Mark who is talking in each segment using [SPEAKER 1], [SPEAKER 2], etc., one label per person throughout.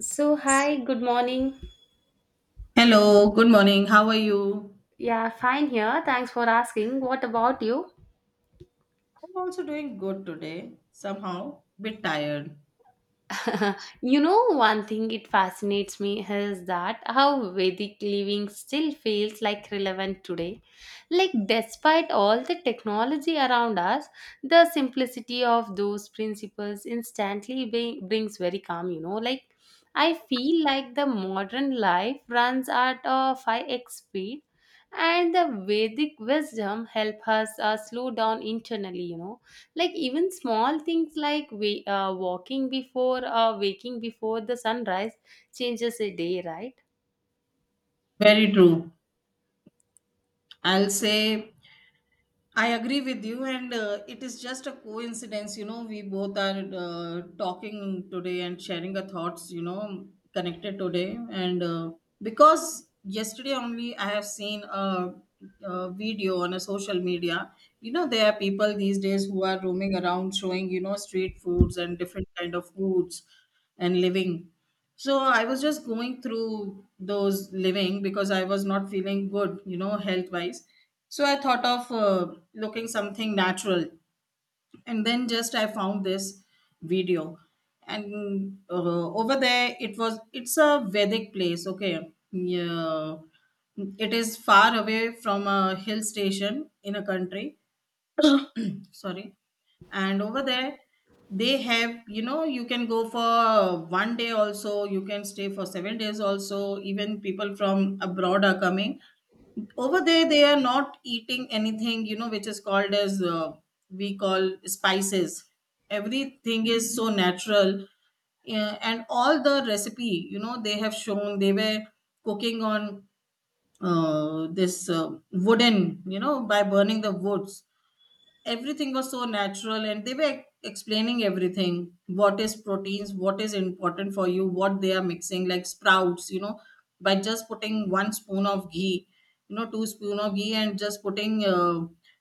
[SPEAKER 1] So, hi, good morning.
[SPEAKER 2] Hello, good morning. How are you?
[SPEAKER 1] Yeah, fine here. Thanks for asking. What about you?
[SPEAKER 2] I'm also doing good today. Somehow, bit tired.
[SPEAKER 1] One thing it fascinates me is that how Vedic living still feels like relevant today. Like, despite all the technology around us, the simplicity of those principles instantly brings very calm, you know. Like, I feel like the modern life runs at a 5x speed, and the Vedic wisdom help us slow down internally, you know, like even small things like we, walking before waking before the sunrise changes a day, right?
[SPEAKER 2] Very true. I'll say I agree with you, and it is just a coincidence. You know, we both are talking today and sharing our thoughts, you know, connected today. And because yesterday only I have seen a video on a social media. You know, there are people these days who are roaming around showing, you know, street foods and different kind of foods and living. So I was just going through those living because I was not feeling good, you know, health wise. So I thought of looking something natural, and then just I found this video. And over there it's a Vedic place. Okay, yeah, it is far away from a hill station in a country, sorry. And over there, they have, you know, you can go for 1 day also, you can stay for 7 days also. Even people from abroad are coming over there. They are not eating anything, you know, which is called as we call spices. Everything is so natural. Yeah, and all the recipe, you know, they have shown, they were cooking on this wooden, you know, by burning the woods. Everything was so natural, and they were explaining everything: what is proteins, what is important for you, what they are mixing, like sprouts, you know, by just putting one spoon of ghee, you know, two spoon of ghee, and just putting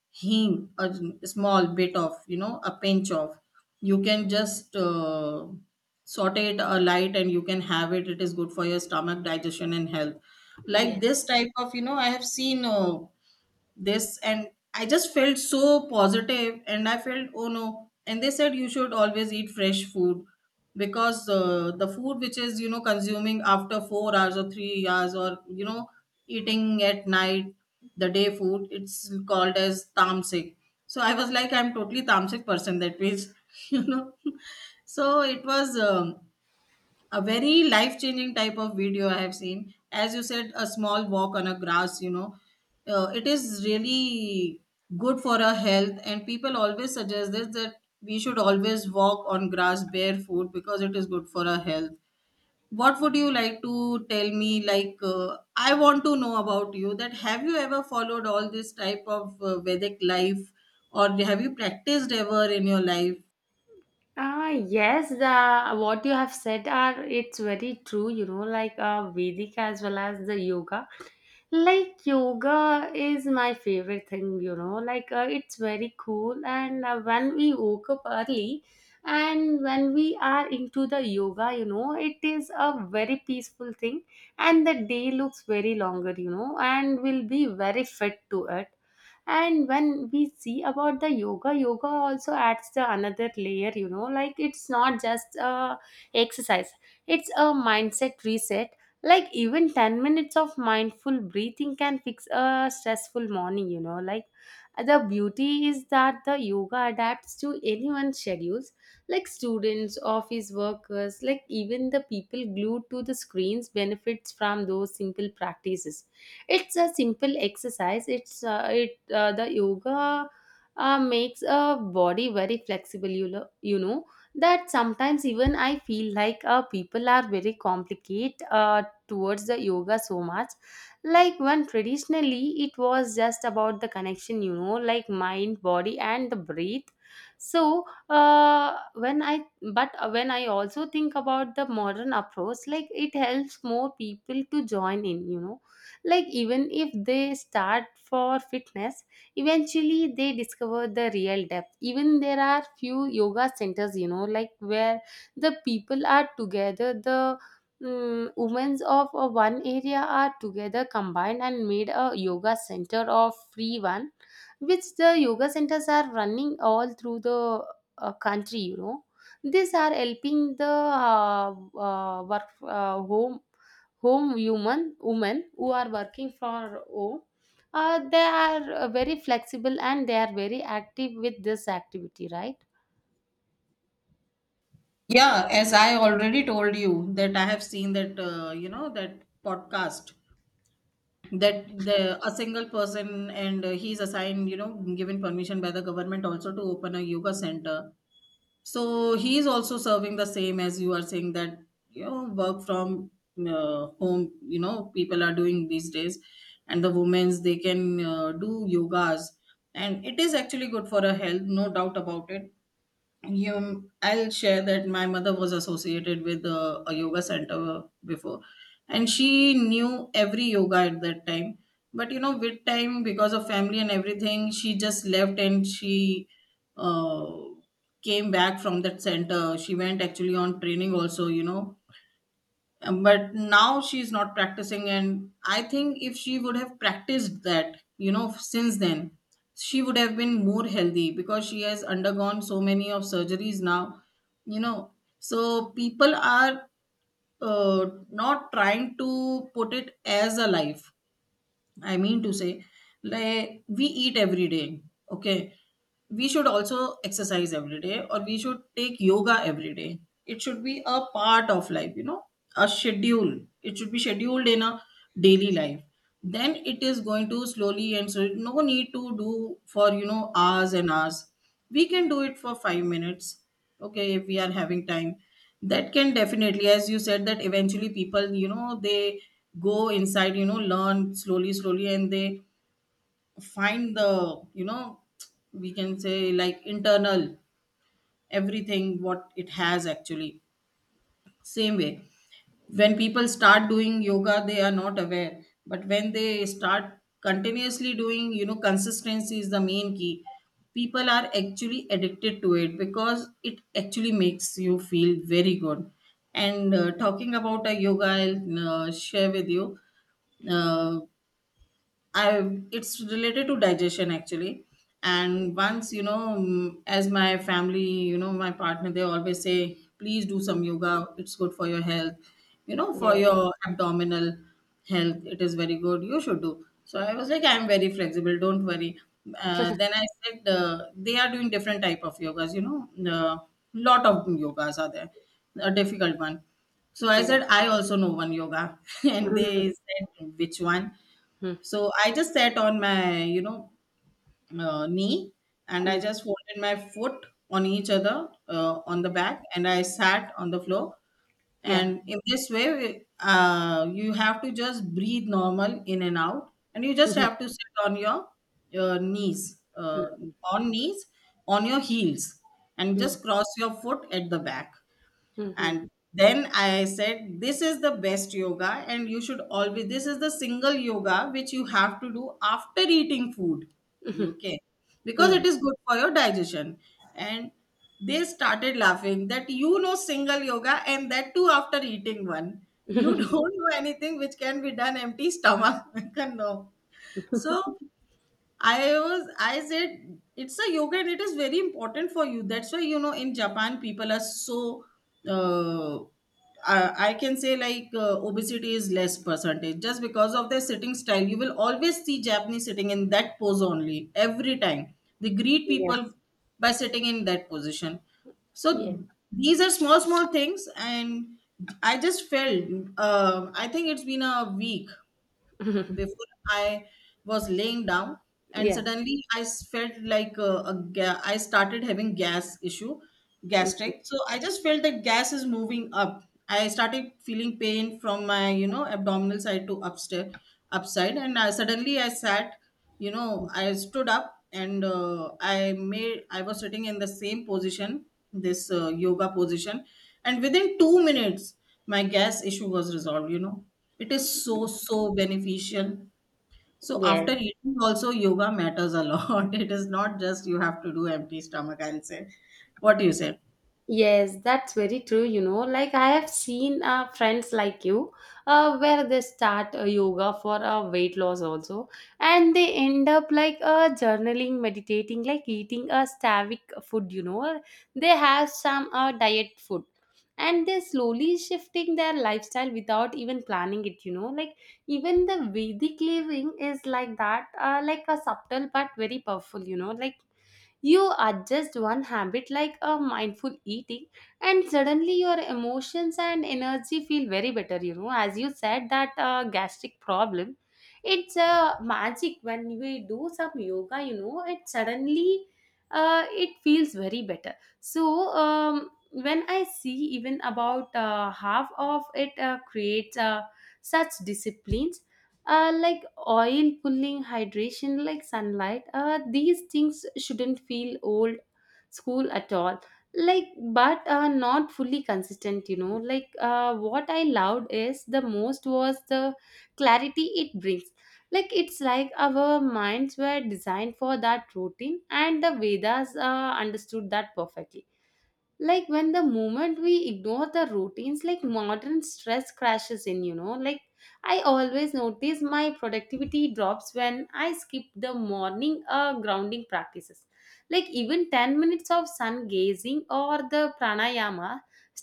[SPEAKER 2] hing, a small bit of, you know, a pinch of, you can just saute it a light, and you can have it. It is good for your stomach, digestion and health. Like
[SPEAKER 1] Yeah.
[SPEAKER 2] this type of, you know, I have seen this, and I just felt so positive. And I felt, oh no, and they said you should always eat fresh food because the food which is, you know, consuming after 4 hours or 3 hours, or you know, eating at night, the day food, it's called as tamasic. So I was like, I'm totally tamasic person, that means you know. So it was a very life changing type of video I have seen. As you said, a small walk on a grass, you know, it is really good for our health, and people always suggest this, that we should always walk on grass barefoot because it is good for our health. What would you like to tell me? Like, I want to know about you, that have you ever followed all this type of Vedic life, or have you practiced ever in your life?
[SPEAKER 1] Ah, yes, the What you have said are it's very true, you know, like Vedic as well as the yoga. Like yoga is my favorite thing, you know, like it's very cool, and when we woke up early and when we are into the yoga, you know, it is a very peaceful thing, and the day looks very longer, you know, and will be very fit to it. And when we see about the yoga, yoga also adds the another layer, you know, like it's not just a exercise, it's a mindset reset. Like even 10 minutes of mindful breathing can fix a stressful morning, you know. Like the beauty is that the yoga adapts to anyone's schedules, like students, office workers, like even the people glued to the screens benefits from those simple practices. It's a simple exercise. It's it The yoga makes a body very flexible, you know, that sometimes even I feel like people are very complicated towards the yoga so much, like when traditionally it was just about the connection, you know, like mind, body, and the breath. So uh, when i but when I also think about the modern approach, like it helps more people to join in, you know, like even if they start for fitness, eventually they discover the real depth. Even there are few yoga centers, you know, like where the people are together. Women of one area are together combined and made a yoga center of free one, which the yoga centers are running all through the country. You know, these are helping the work home home human women who are working for home. They are very flexible and they are very active with this activity, right?
[SPEAKER 2] Yeah, as I already told you that I have seen that, you know, that podcast, that the a single person, and he's assigned, you know, given permission by the government also to open a yoga center. So he is also serving the same as you are saying that, you know, work from home, you know, people are doing these days, and the women's, they can do yogas, and it is actually good for a health, no doubt about it. You, I'll share that my mother was associated with a yoga center before, and she knew every yoga at that time. But you know, with time, because of family and everything, she just left, and she uh, came back from that center. She went actually on training also, you know. But now she's not practicing, and I think if she would have practiced that, you know, since then, she would have been more healthy because she has undergone so many of surgeries now, you know. So people are uh, not trying to put it as a life. I mean to say, like we eat every day, okay, we should also exercise every day, or we should take yoga every day. It should be a part of life, you know, a schedule. It should be scheduled in a daily life. Then it is going to slowly, and so no need to do for, you know, hours and hours. We can do it for 5 minutes, okay, if we are having time. That can definitely, as you said, that eventually people, you know, they go inside, you know, learn slowly slowly, and they find the, you know, we can say like internal, everything what it has actually. Same way, when people start doing yoga, they are not aware, but when they start continuously doing, you know, consistency is the main key. People are actually addicted to it because it actually makes you feel very good. And talking about a yoga, I'll share with you uh, I it's related to digestion actually. And once you know, mm, as my family, you know, my partner, they always say, please do
[SPEAKER 1] Mm.
[SPEAKER 2] some yoga. It's good for your health. You know, for
[SPEAKER 1] Yes.
[SPEAKER 2] your abdominal health, it is very good. You should do. So I was like, I'm very flexible. Don't worry. Then I said, they are doing different type of yogas. You know, lot of yogas are there. A difficult one. So I
[SPEAKER 1] Yeah.
[SPEAKER 2] said, I also know one yoga. And
[SPEAKER 1] Mm,
[SPEAKER 2] they said, which one?
[SPEAKER 1] mm,
[SPEAKER 2] So I just sat on my, you know, knee, and I
[SPEAKER 1] mm,
[SPEAKER 2] just folded my foot on each other on
[SPEAKER 1] mm.
[SPEAKER 2] the back, and I sat on the floor.
[SPEAKER 1] Yeah.
[SPEAKER 2] And in this way, you have to just breathe normal in and out, and you just
[SPEAKER 1] Mhm.
[SPEAKER 2] have to sit on your knees, on knees, on your heels, and
[SPEAKER 1] Mhm.
[SPEAKER 2] just cross your foot at the back.
[SPEAKER 1] Mhm.
[SPEAKER 2] And then I said, this is the best yoga, and you should always, this is the single yoga which you have to do after eating food,
[SPEAKER 1] Mhm.
[SPEAKER 2] okay, because
[SPEAKER 1] Mhm.
[SPEAKER 2] it is good for your digestion. And they started laughing that, you know, single yoga, and that too after eating one. You don't know anything which can be done empty stomach. No. So I was, I said it's a yoga, and it is very important for you. That's why, you know, in Japan people are so uh, I can say like obesity is less percentage, just because of their sitting style. You will always see Japanese sitting in that pose only every time. They greet people
[SPEAKER 1] Yes.
[SPEAKER 2] by sitting in that position.
[SPEAKER 1] Yeah.
[SPEAKER 2] So these are small small things, and I just felt I think it's been a week before. I was laying down, and
[SPEAKER 1] Yeah.
[SPEAKER 2] suddenly felt like I started having gas issue,
[SPEAKER 1] Mhm.
[SPEAKER 2] gastric. So I just felt that gas is moving up. I started feeling pain from my, you know, abdominal side to upstairs, upside. And I, suddenly I sat, you know, I stood up, and I was sitting in the same position, this yoga position, and within 2 minutes my gas issue was resolved, you know. It is so so beneficial. So after
[SPEAKER 1] Yes.
[SPEAKER 2] eating also yoga matters a lot. It is not just you have to do empty stomach, I'll say. What do you say?
[SPEAKER 1] Yes, that's very true. You know, like I have seen friends like you where they start yoga for weight loss also, and they end up like journaling, meditating, like eating a stavic food. You know, they have some diet food, and they're slowly shifting their lifestyle without even planning it. You know, like even the Vedic living is like that, like a subtle but very powerful. You know, like you adjust one habit like a mindful eating, and suddenly your emotions and energy feel very better. You know, as you said, that gastric problem, it's a magic when we do some yoga. You know, it suddenly it feels very better. So when I see even about half of it creates such discipline, like oil pulling, hydration, like sunlight, these things shouldn't feel old school at all. Like but not fully consistent, you know, like what I loved is the most was the clarity it brings. Like it's like our minds were designed for that routine, and the vedas understood that perfectly. Like when the moment we ignore the routines, like modern stress crashes in, you know. Like I always notice my productivity drops when I skip the morning grounding practices. Like even 10 minutes of sun gazing or the pranayama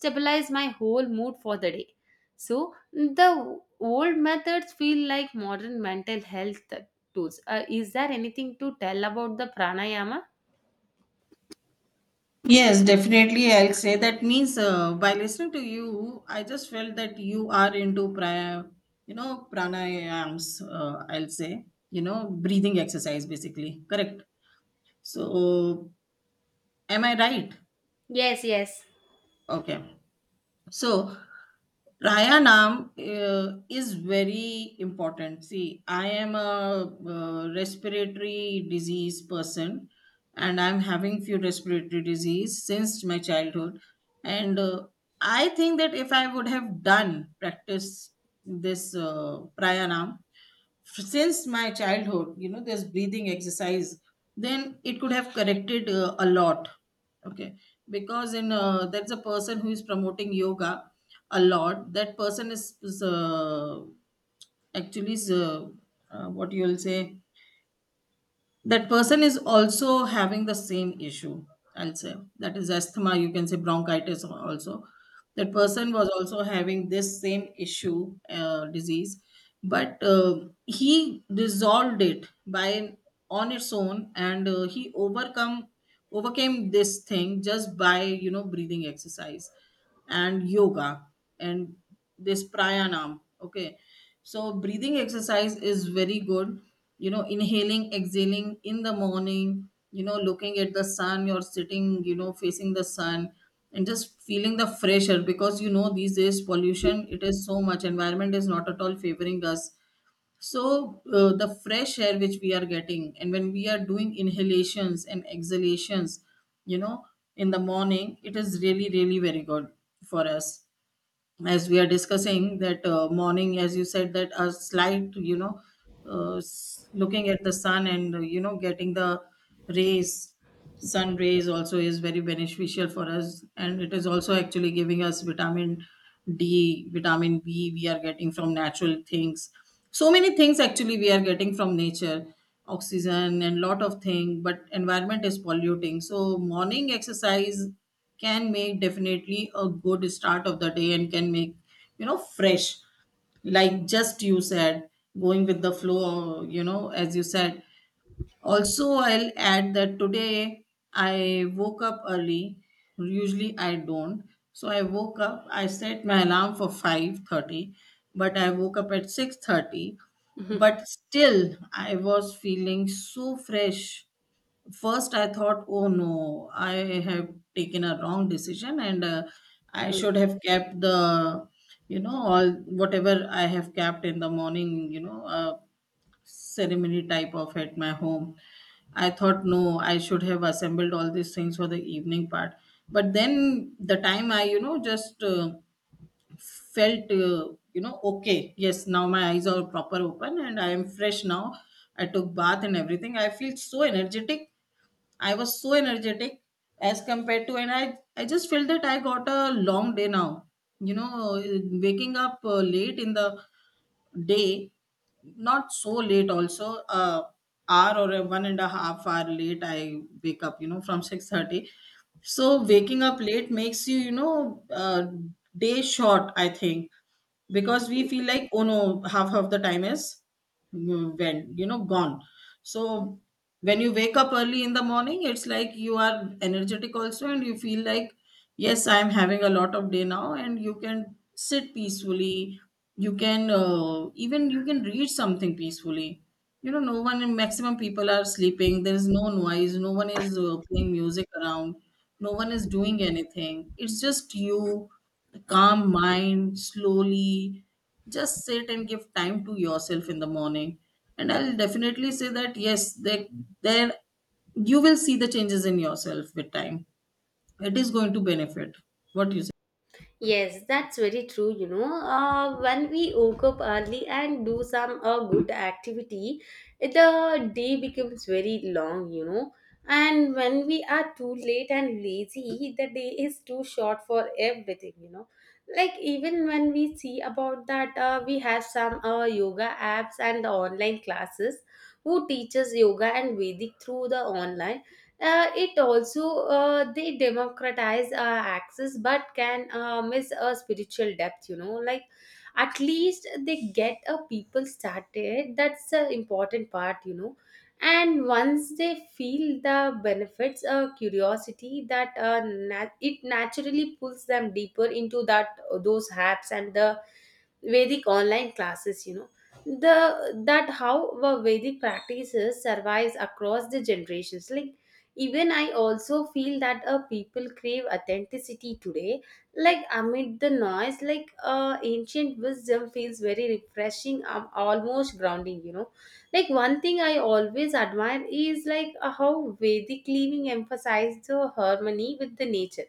[SPEAKER 1] stabilize my whole mood for the day. So the old methods feel like modern mental health tools. Is there anything to tell about the pranayama?
[SPEAKER 2] Yes, definitely. I'll say, that means, by listening to you, I just felt that you are into you know, pranayams. I'll say, you know, breathing exercise basically. Correct. So, am I right?
[SPEAKER 1] Yes, yes.
[SPEAKER 2] Okay. So pranayam is very important. See, I am a respiratory disease person, and I'm having few respiratory disease since my childhood. And I think that if I would have done practice this pranayam, since my childhood, you know, this breathing exercise, then it could have corrected a lot. Okay, because in that's a person who is promoting yoga a lot. That person actually is, uh, what you will say, that person is also having the same issue. I'll say that is asthma, you can say bronchitis also. That person was also having this same issue, disease. But he resolved it by on its own, and he overcome overcame this thing just by, you know, breathing exercise and yoga and this pranayam. Okay, so breathing exercise is very good, you know, inhaling, exhaling in the morning, you know, looking at the sun, you're sitting, you know, facing the sun and just feeling the fresh air, because you know these days pollution, it is so much, environment is not at all favoring us. So the fresh air which we are getting, and when we are doing inhalations and exhalations, you know, in the morning, it is really really very good for us. As we are discussing that morning, as you said, that a slight, you know, looking at the sun and, you know, getting the rays, sun rays also is very beneficial for us, and it is also actually giving us vitamin D, vitamin B, we are getting from natural things. So many things actually we are getting from nature, oxygen and lot of thing, but environment is polluting. So morning exercise can make definitely a good start of the day and can make, you know, fresh, like just you said, going with the flow, you know, as you said. Also, I'll add that today I woke up early. Usually I don't. So I woke up, I set my alarm for 5:30, but I woke up at 6:30. But still I was feeling so fresh. First I thought, "Oh no, I have taken a wrong decision, and I should have kept the, you know, all whatever I have kept in the morning, ceremony type of at my home." I thought, no, I should have assembled all these things for the evening part. But then the time I, you know, just felt, okay, yes, now my eyes are proper open and I am fresh now. I took bath and everything. I feel so energetic. I was so energetic as compared to, and I just felt that I got a long day now. You know, waking up late in the day, not so late also, uh, hour or a 1.5 hour late I wake up, you know, from 6:30. So waking up late makes you, you know, day short, I think, because we feel like, oh no, half of the time is when you know gone. So when you wake up early in the morning, it's like you are energetic also, and you feel like yes, I am having a lot of day now, and you can sit peacefully. You can, even you can read something peacefully. You know, no one, maximum people are sleeping, there is no noise, no one is playing music around, no one is doing anything, it's just you, a calm mind. Slowly just sit and give time to yourself in the morning, and I'll definitely say that yes, there you will see the changes in yourself with time. It is going to benefit. What do you say?
[SPEAKER 1] Yes, that's very true. You know, when we woke up early and do some good activity, the day becomes very long, you know. And when we are too late and lazy, the day is too short for everything, you know. Like, even when we see about that, we have some yoga apps and online classes who teaches yoga and Vedic through the online, it also they democratize access, but can miss a spiritual depth, you know, like at least they get a people started, that's the important part, you know. And once they feel the benefits, curiosity that it naturally pulls them deeper into that, those apps and the Vedic online classes, you know, the that how the Vedic practices survives across the generations. Like even I also feel that people crave authenticity today. Like amid the noise, like ancient wisdom feels very refreshing, almost grounding. You know, like one thing I always admire is like how Vedic living emphasized the harmony with the nature,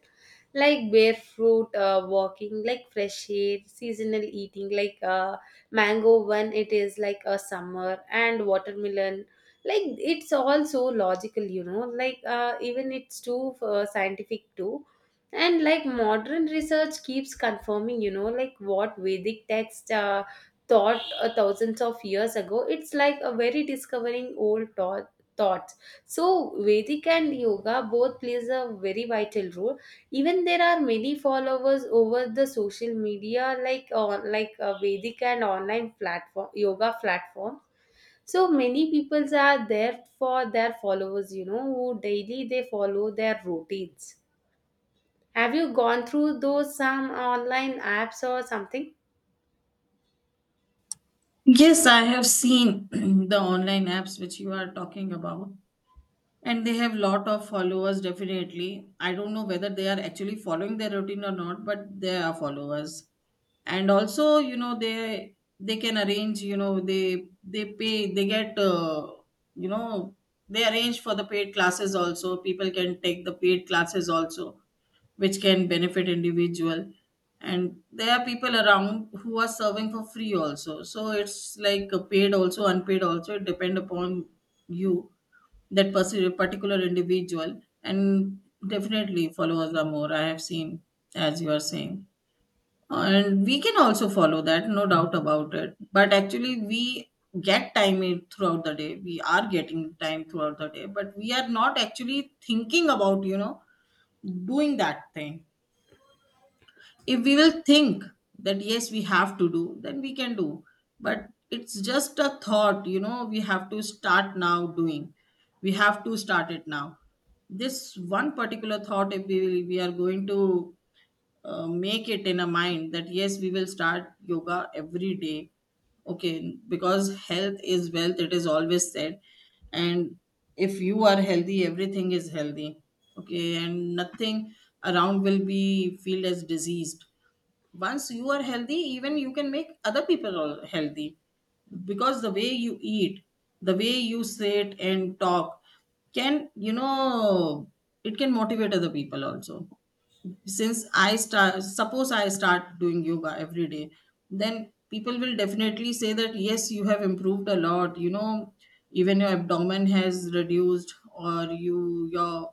[SPEAKER 1] like bare fruit walking, like fresh air, seasonal eating, like mango when it is like a summer, and watermelon. Like it's all so logical, you know, like even it's too scientific too, and like modern research keeps confirming, you know, like what vedic text thought thousands of years ago. It's like a very discovering old thoughts. So vedic and yoga both plays a very vital role. Even there are many followers over the social media, like on like a Vedic and online platform, yoga platform. So many people are there for their followers, you know, who daily they follow their routines. Have you gone through those some online apps or something?
[SPEAKER 2] Yes, I have seen the online apps which you are talking about, and they have lot of followers, definitely. I don't know whether they are actually following their routine or not, but they are followers. And also, you know, they can arrange, you know, they pay, they get, you know they arrange for the paid classes also. People can take the paid classes also, which can benefit individual. And there are people around who are serving for free also. So it's like a paid also, unpaid also, it depend upon you, that persi particular individual, and definitely followers are more, I have seen, as you are saying. And we can also follow that, no doubt about it. But actually, we get time in- throughout the day. We are getting time throughout the day, but we are not actually thinking about, you know, doing that thing. If we will think that yes, we have to do, then we can do. But it's just a thought, you know, we have to start now doing, we have to start it now. This one particular thought, if we will, we are going to make it in a mind that yes, we will start yoga every day. Okay, because health is wealth, it is always said. And if you are healthy, everything is healthy. Okay, and nothing around will be feel as diseased. Once you are healthy, even you can make other people all healthy, because the way you eat, the way you sit and talk can, you know, it can motivate other people also. Since I start suppose I start doing yoga every day, then people will definitely say that yes, you have improved a lot, you know, even your abdomen has reduced, or your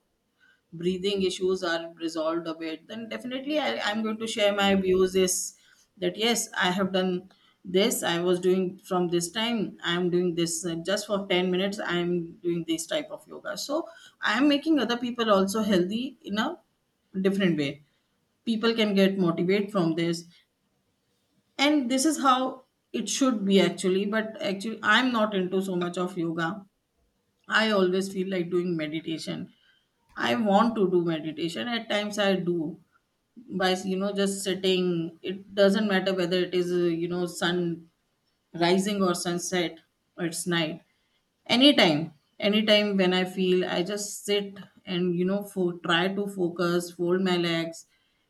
[SPEAKER 2] breathing issues are resolved a bit, then definitely I'm going to share my views is that yes, I have done this, I was doing from this time, I'm doing this, just for 10 minutes I'm doing this type of yoga. So I'm making other people also healthy in a different way. People can get motivated from this, and this is how it should be actually. But actually, I'm not into so much of yoga. I always feel like doing meditation. I want to do meditation. At times I do, by, you know, just sitting. It doesn't matter whether it is, sun rising or sunset, or it's night. Anytime, anytime when I feel I just sit and, you know, try to focus, fold my legs,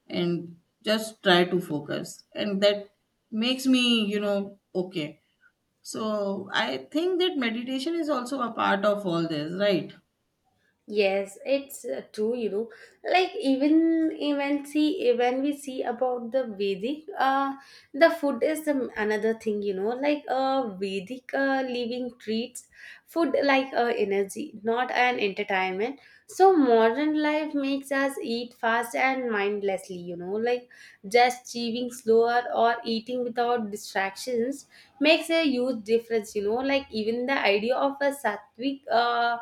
[SPEAKER 2] and just try to focus, and that makes me, you know, okay. So I think that meditation is also a part of all this, right?
[SPEAKER 1] Yes, it's true, you know. Like even see when we see about the Vedic, the food is the, another thing, you know. Like Vedic living treats food like energy, not an entertainment. So modern life makes us eat fast and mindlessly, you know. Like just chewing slower or eating without distractions makes a huge difference, you know. Like even the idea of a sattvic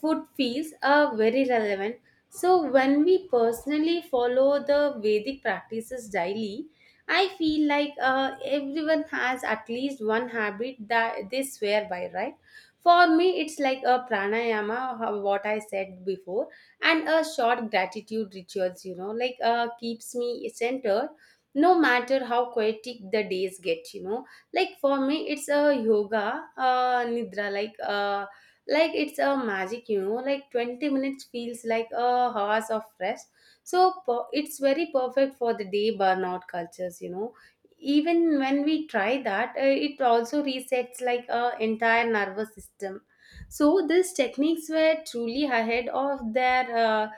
[SPEAKER 1] food feels are very relevant. So, when we personally follow the Vedic practices daily, I feel like everyone has at least one habit that they swear by, right? For me, it's like a pranayama, what I said before, and a short gratitude rituals, you know, like keeps me centered no matter how chaotic the days get, you know. Like for me, it's a yoga, nidra, like. Like it's a magic, you know, like 20 minutes feels like a hours of rest. So it's very perfect for the day burnout cultures, you know. Even when we try that, it also resets like our entire nervous system. So these techniques were truly ahead of their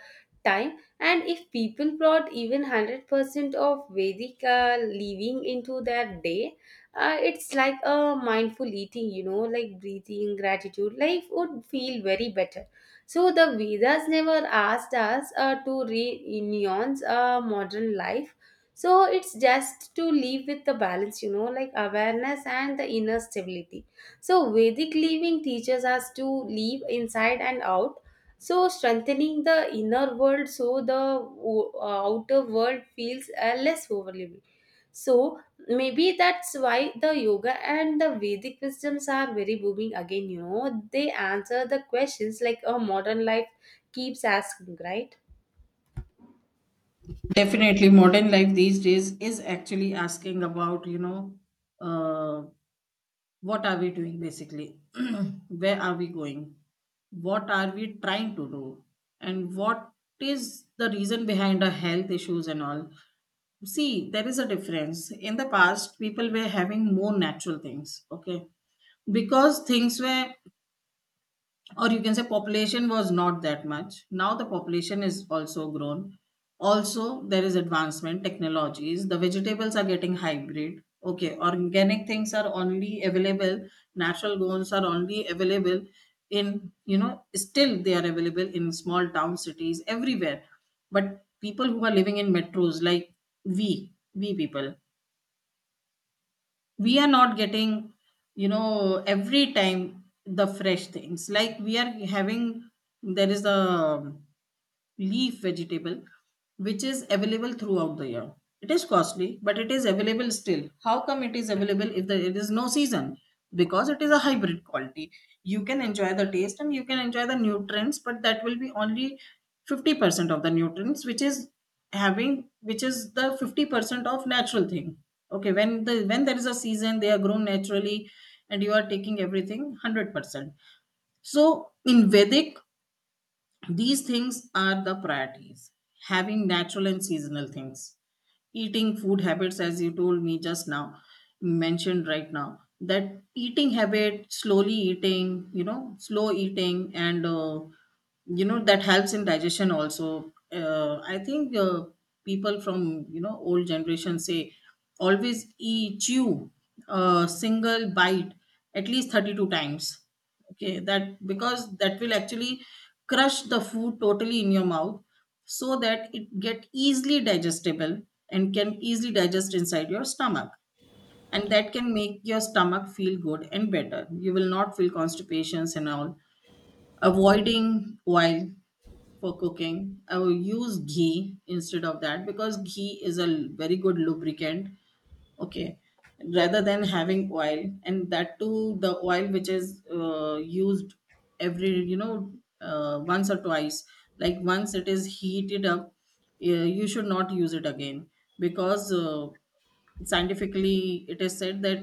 [SPEAKER 1] time. And if people brought even 100% of vedic living into their day, it's like a mindful eating, you know, like breathing, gratitude, life would feel very better. So the vedas never asked us to re-nuance modern life. So it's just to live with the balance, you know, like awareness and the inner stability. So vedic living teaches us to live inside and out, so strengthening the inner world so the outer world feels less overwhelming. So maybe that's why the yoga and the Vedic wisdoms are very booming again, you know. They answer the questions like a modern life keeps asking, right?
[SPEAKER 2] Definitely, modern life these days is actually asking about, you know, uh, what are we doing basically? Where are we going? What are we trying to do? And what is the reason behind our health issues and all? See, there is a difference. In the past, people were having more natural things, okay? Because things were, or you can say, population was not that much. Now the population is also grown. Also there is advancement technologies, the vegetables are getting hybrid. Okay, organic things are only available, natural grows are only available in, you know, still they are available in small town cities everywhere. But people who are living in metros like we people, we are not getting, you know, every time the fresh things like we are having. There is a leaf vegetable which is available throughout the year. It is costly, but it is available. Still, how come it is available if there is no season? Because it is a hybrid quality. You can enjoy the taste and you can enjoy the nutrients, but that will be only 50% of the nutrients which is having, which is the 50% of natural thing. Okay, when there is a season, they are grown naturally, and you are taking everything 100%. So in vedic, these things are the priorities: having natural and seasonal things, eating food habits, as you told me just now, mentioned right now, that eating habit, slowly eating, you know, slow eating, and you know that helps in digestion also. I think, people from, you know, old generation say always eat, chew a single bite at least 32 times. Okay, that, because that will actually crush the food totally in your mouth, so that it get easily digestible and can easily digest inside your stomach, and that can make your stomach feel good and better. You will not feel constipations and all. Avoiding oil for cooking, I will use ghee instead of that, because ghee is a very good lubricant, okay, rather than having oil. And that too the oil which is used every, you know, once or twice, like once it is heated up, you should not use it again, because scientifically it is said that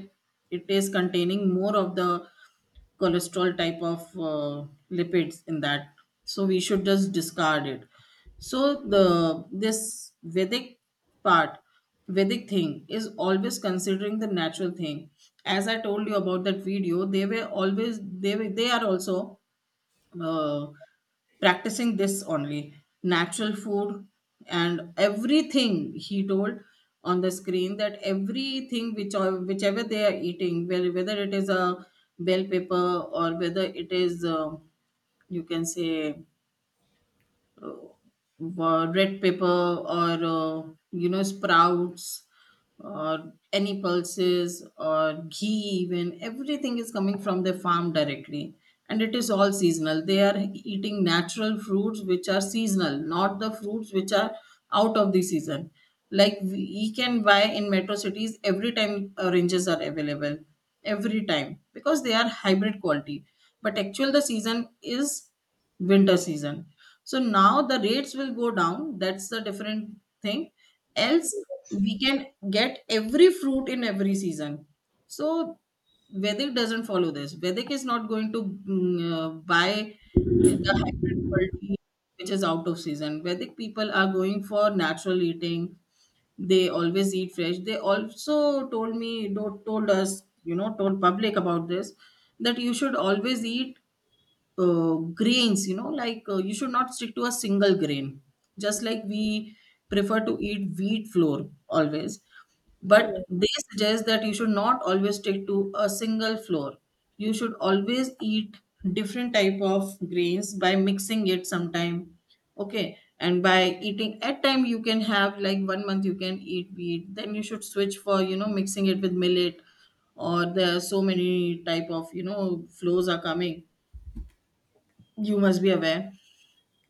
[SPEAKER 2] it is containing more of the cholesterol type of lipids in that. So we should just discard it. So the this vedic part, vedic thing is always considering the natural thing. As I told you about that video, they were always they were, they are also, uh, practicing this only natural food, and everything he told on the screen, that everything which, or whichever they are eating, whether it is a bell pepper, or whether it is, you can say, red pepper, or you know, sprouts, or any pulses or ghee, even everything is coming from the farm directly, and it is all seasonal. They are eating natural fruits which are seasonal, not the fruits which are out of the season. Like we can buy in metro cities every time, oranges are available every time, because they are hybrid quality. But actual the season is winter season. So now the rates will go down, that's the different thing. Else we can get every fruit in every season. So vedic doesn't follow this. Vedic is not going to buy the hybrid quality which is out of season. Vedic people are going for natural eating. They always eat fresh. They also told me, told us, you know, told public about this, that you should always eat, uh, grains, you know, like, you should not stick to a single grain. Just like we prefer to eat wheat flour always, but they suggest that you should not always stick to a single flour. You should always eat different type of grains by mixing it sometime. Okay, and by eating at time, you can have like one month you can eat wheat, then you should switch for, you know, mixing it with millet, or there are so many type of, you know, flows are coming, you must be aware.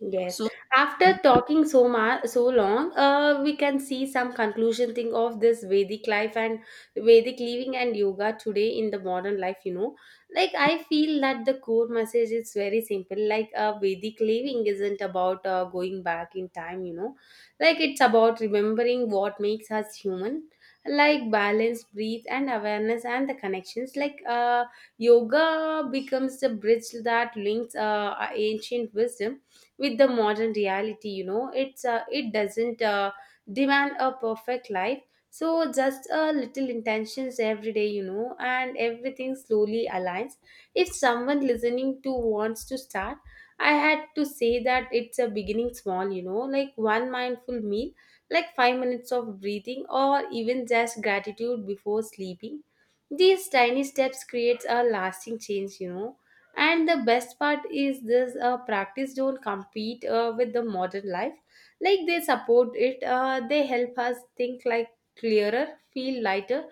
[SPEAKER 1] Yes.
[SPEAKER 2] So,
[SPEAKER 1] After talking so much, so long, we can see some conclusion thing of this Vedic life and Vedic living and yoga today in the modern life. You know, like I feel that the core message is very simple. Like Vedic living isn't about going back in time. You know, like it's about remembering what makes us human, like balance, breathe, and awareness, and the connections. Like yoga becomes the bridge that links ancient wisdom with the modern reality. You know, it doesn't demand a perfect life. So just a little intentions every day, you know, and everything slowly aligns. If someone listening to wants to start, I had to say that it's a beginning small, you know, like one mindful meal, like 5 minutes of breathing, or even just gratitude before sleeping. These tiny steps creates a lasting change, you know. And the best part is this practice don't compete with the modern life. Like they support it, they help us think like clearer, feel lighter,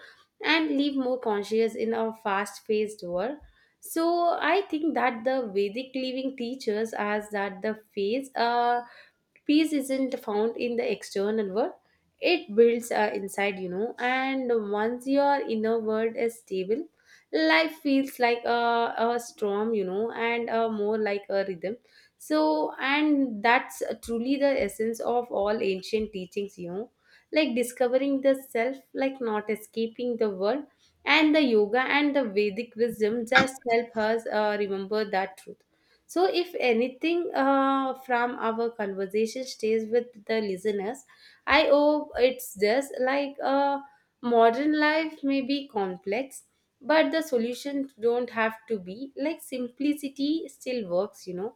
[SPEAKER 1] and live more conscious in our fast paced world. So I think that the vedic living teaches us that the phase, peace isn't found in the external world. It builds inside, you know. And once your inner world is stable, life feels like a storm, you know, and more like a rhythm. So and that's truly the essence of all ancient teachings, you know, like discovering the self, like not escaping the world. And the yoga and the vedic wisdom just help us remember that truth. So if anything from our conversation stays with the listeners, I hope it's just like, modern life may be complex, but the solutions don't have to be. Like simplicity still works, you know.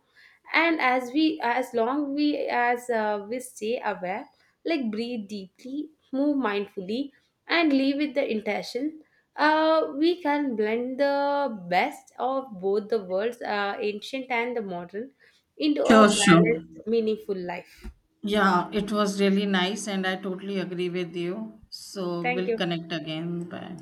[SPEAKER 1] And as we as long we as we stay aware, like breathe deeply, move mindfully, and live with the intention, we can blend the best of both the worlds, ancient and the modern, into a
[SPEAKER 2] sure, sure,
[SPEAKER 1] balanced meaningful life.
[SPEAKER 2] yeah, it was really nice, and I totally agree with you. So,
[SPEAKER 1] Thank
[SPEAKER 2] we'll
[SPEAKER 1] you.
[SPEAKER 2] connect again. Bye.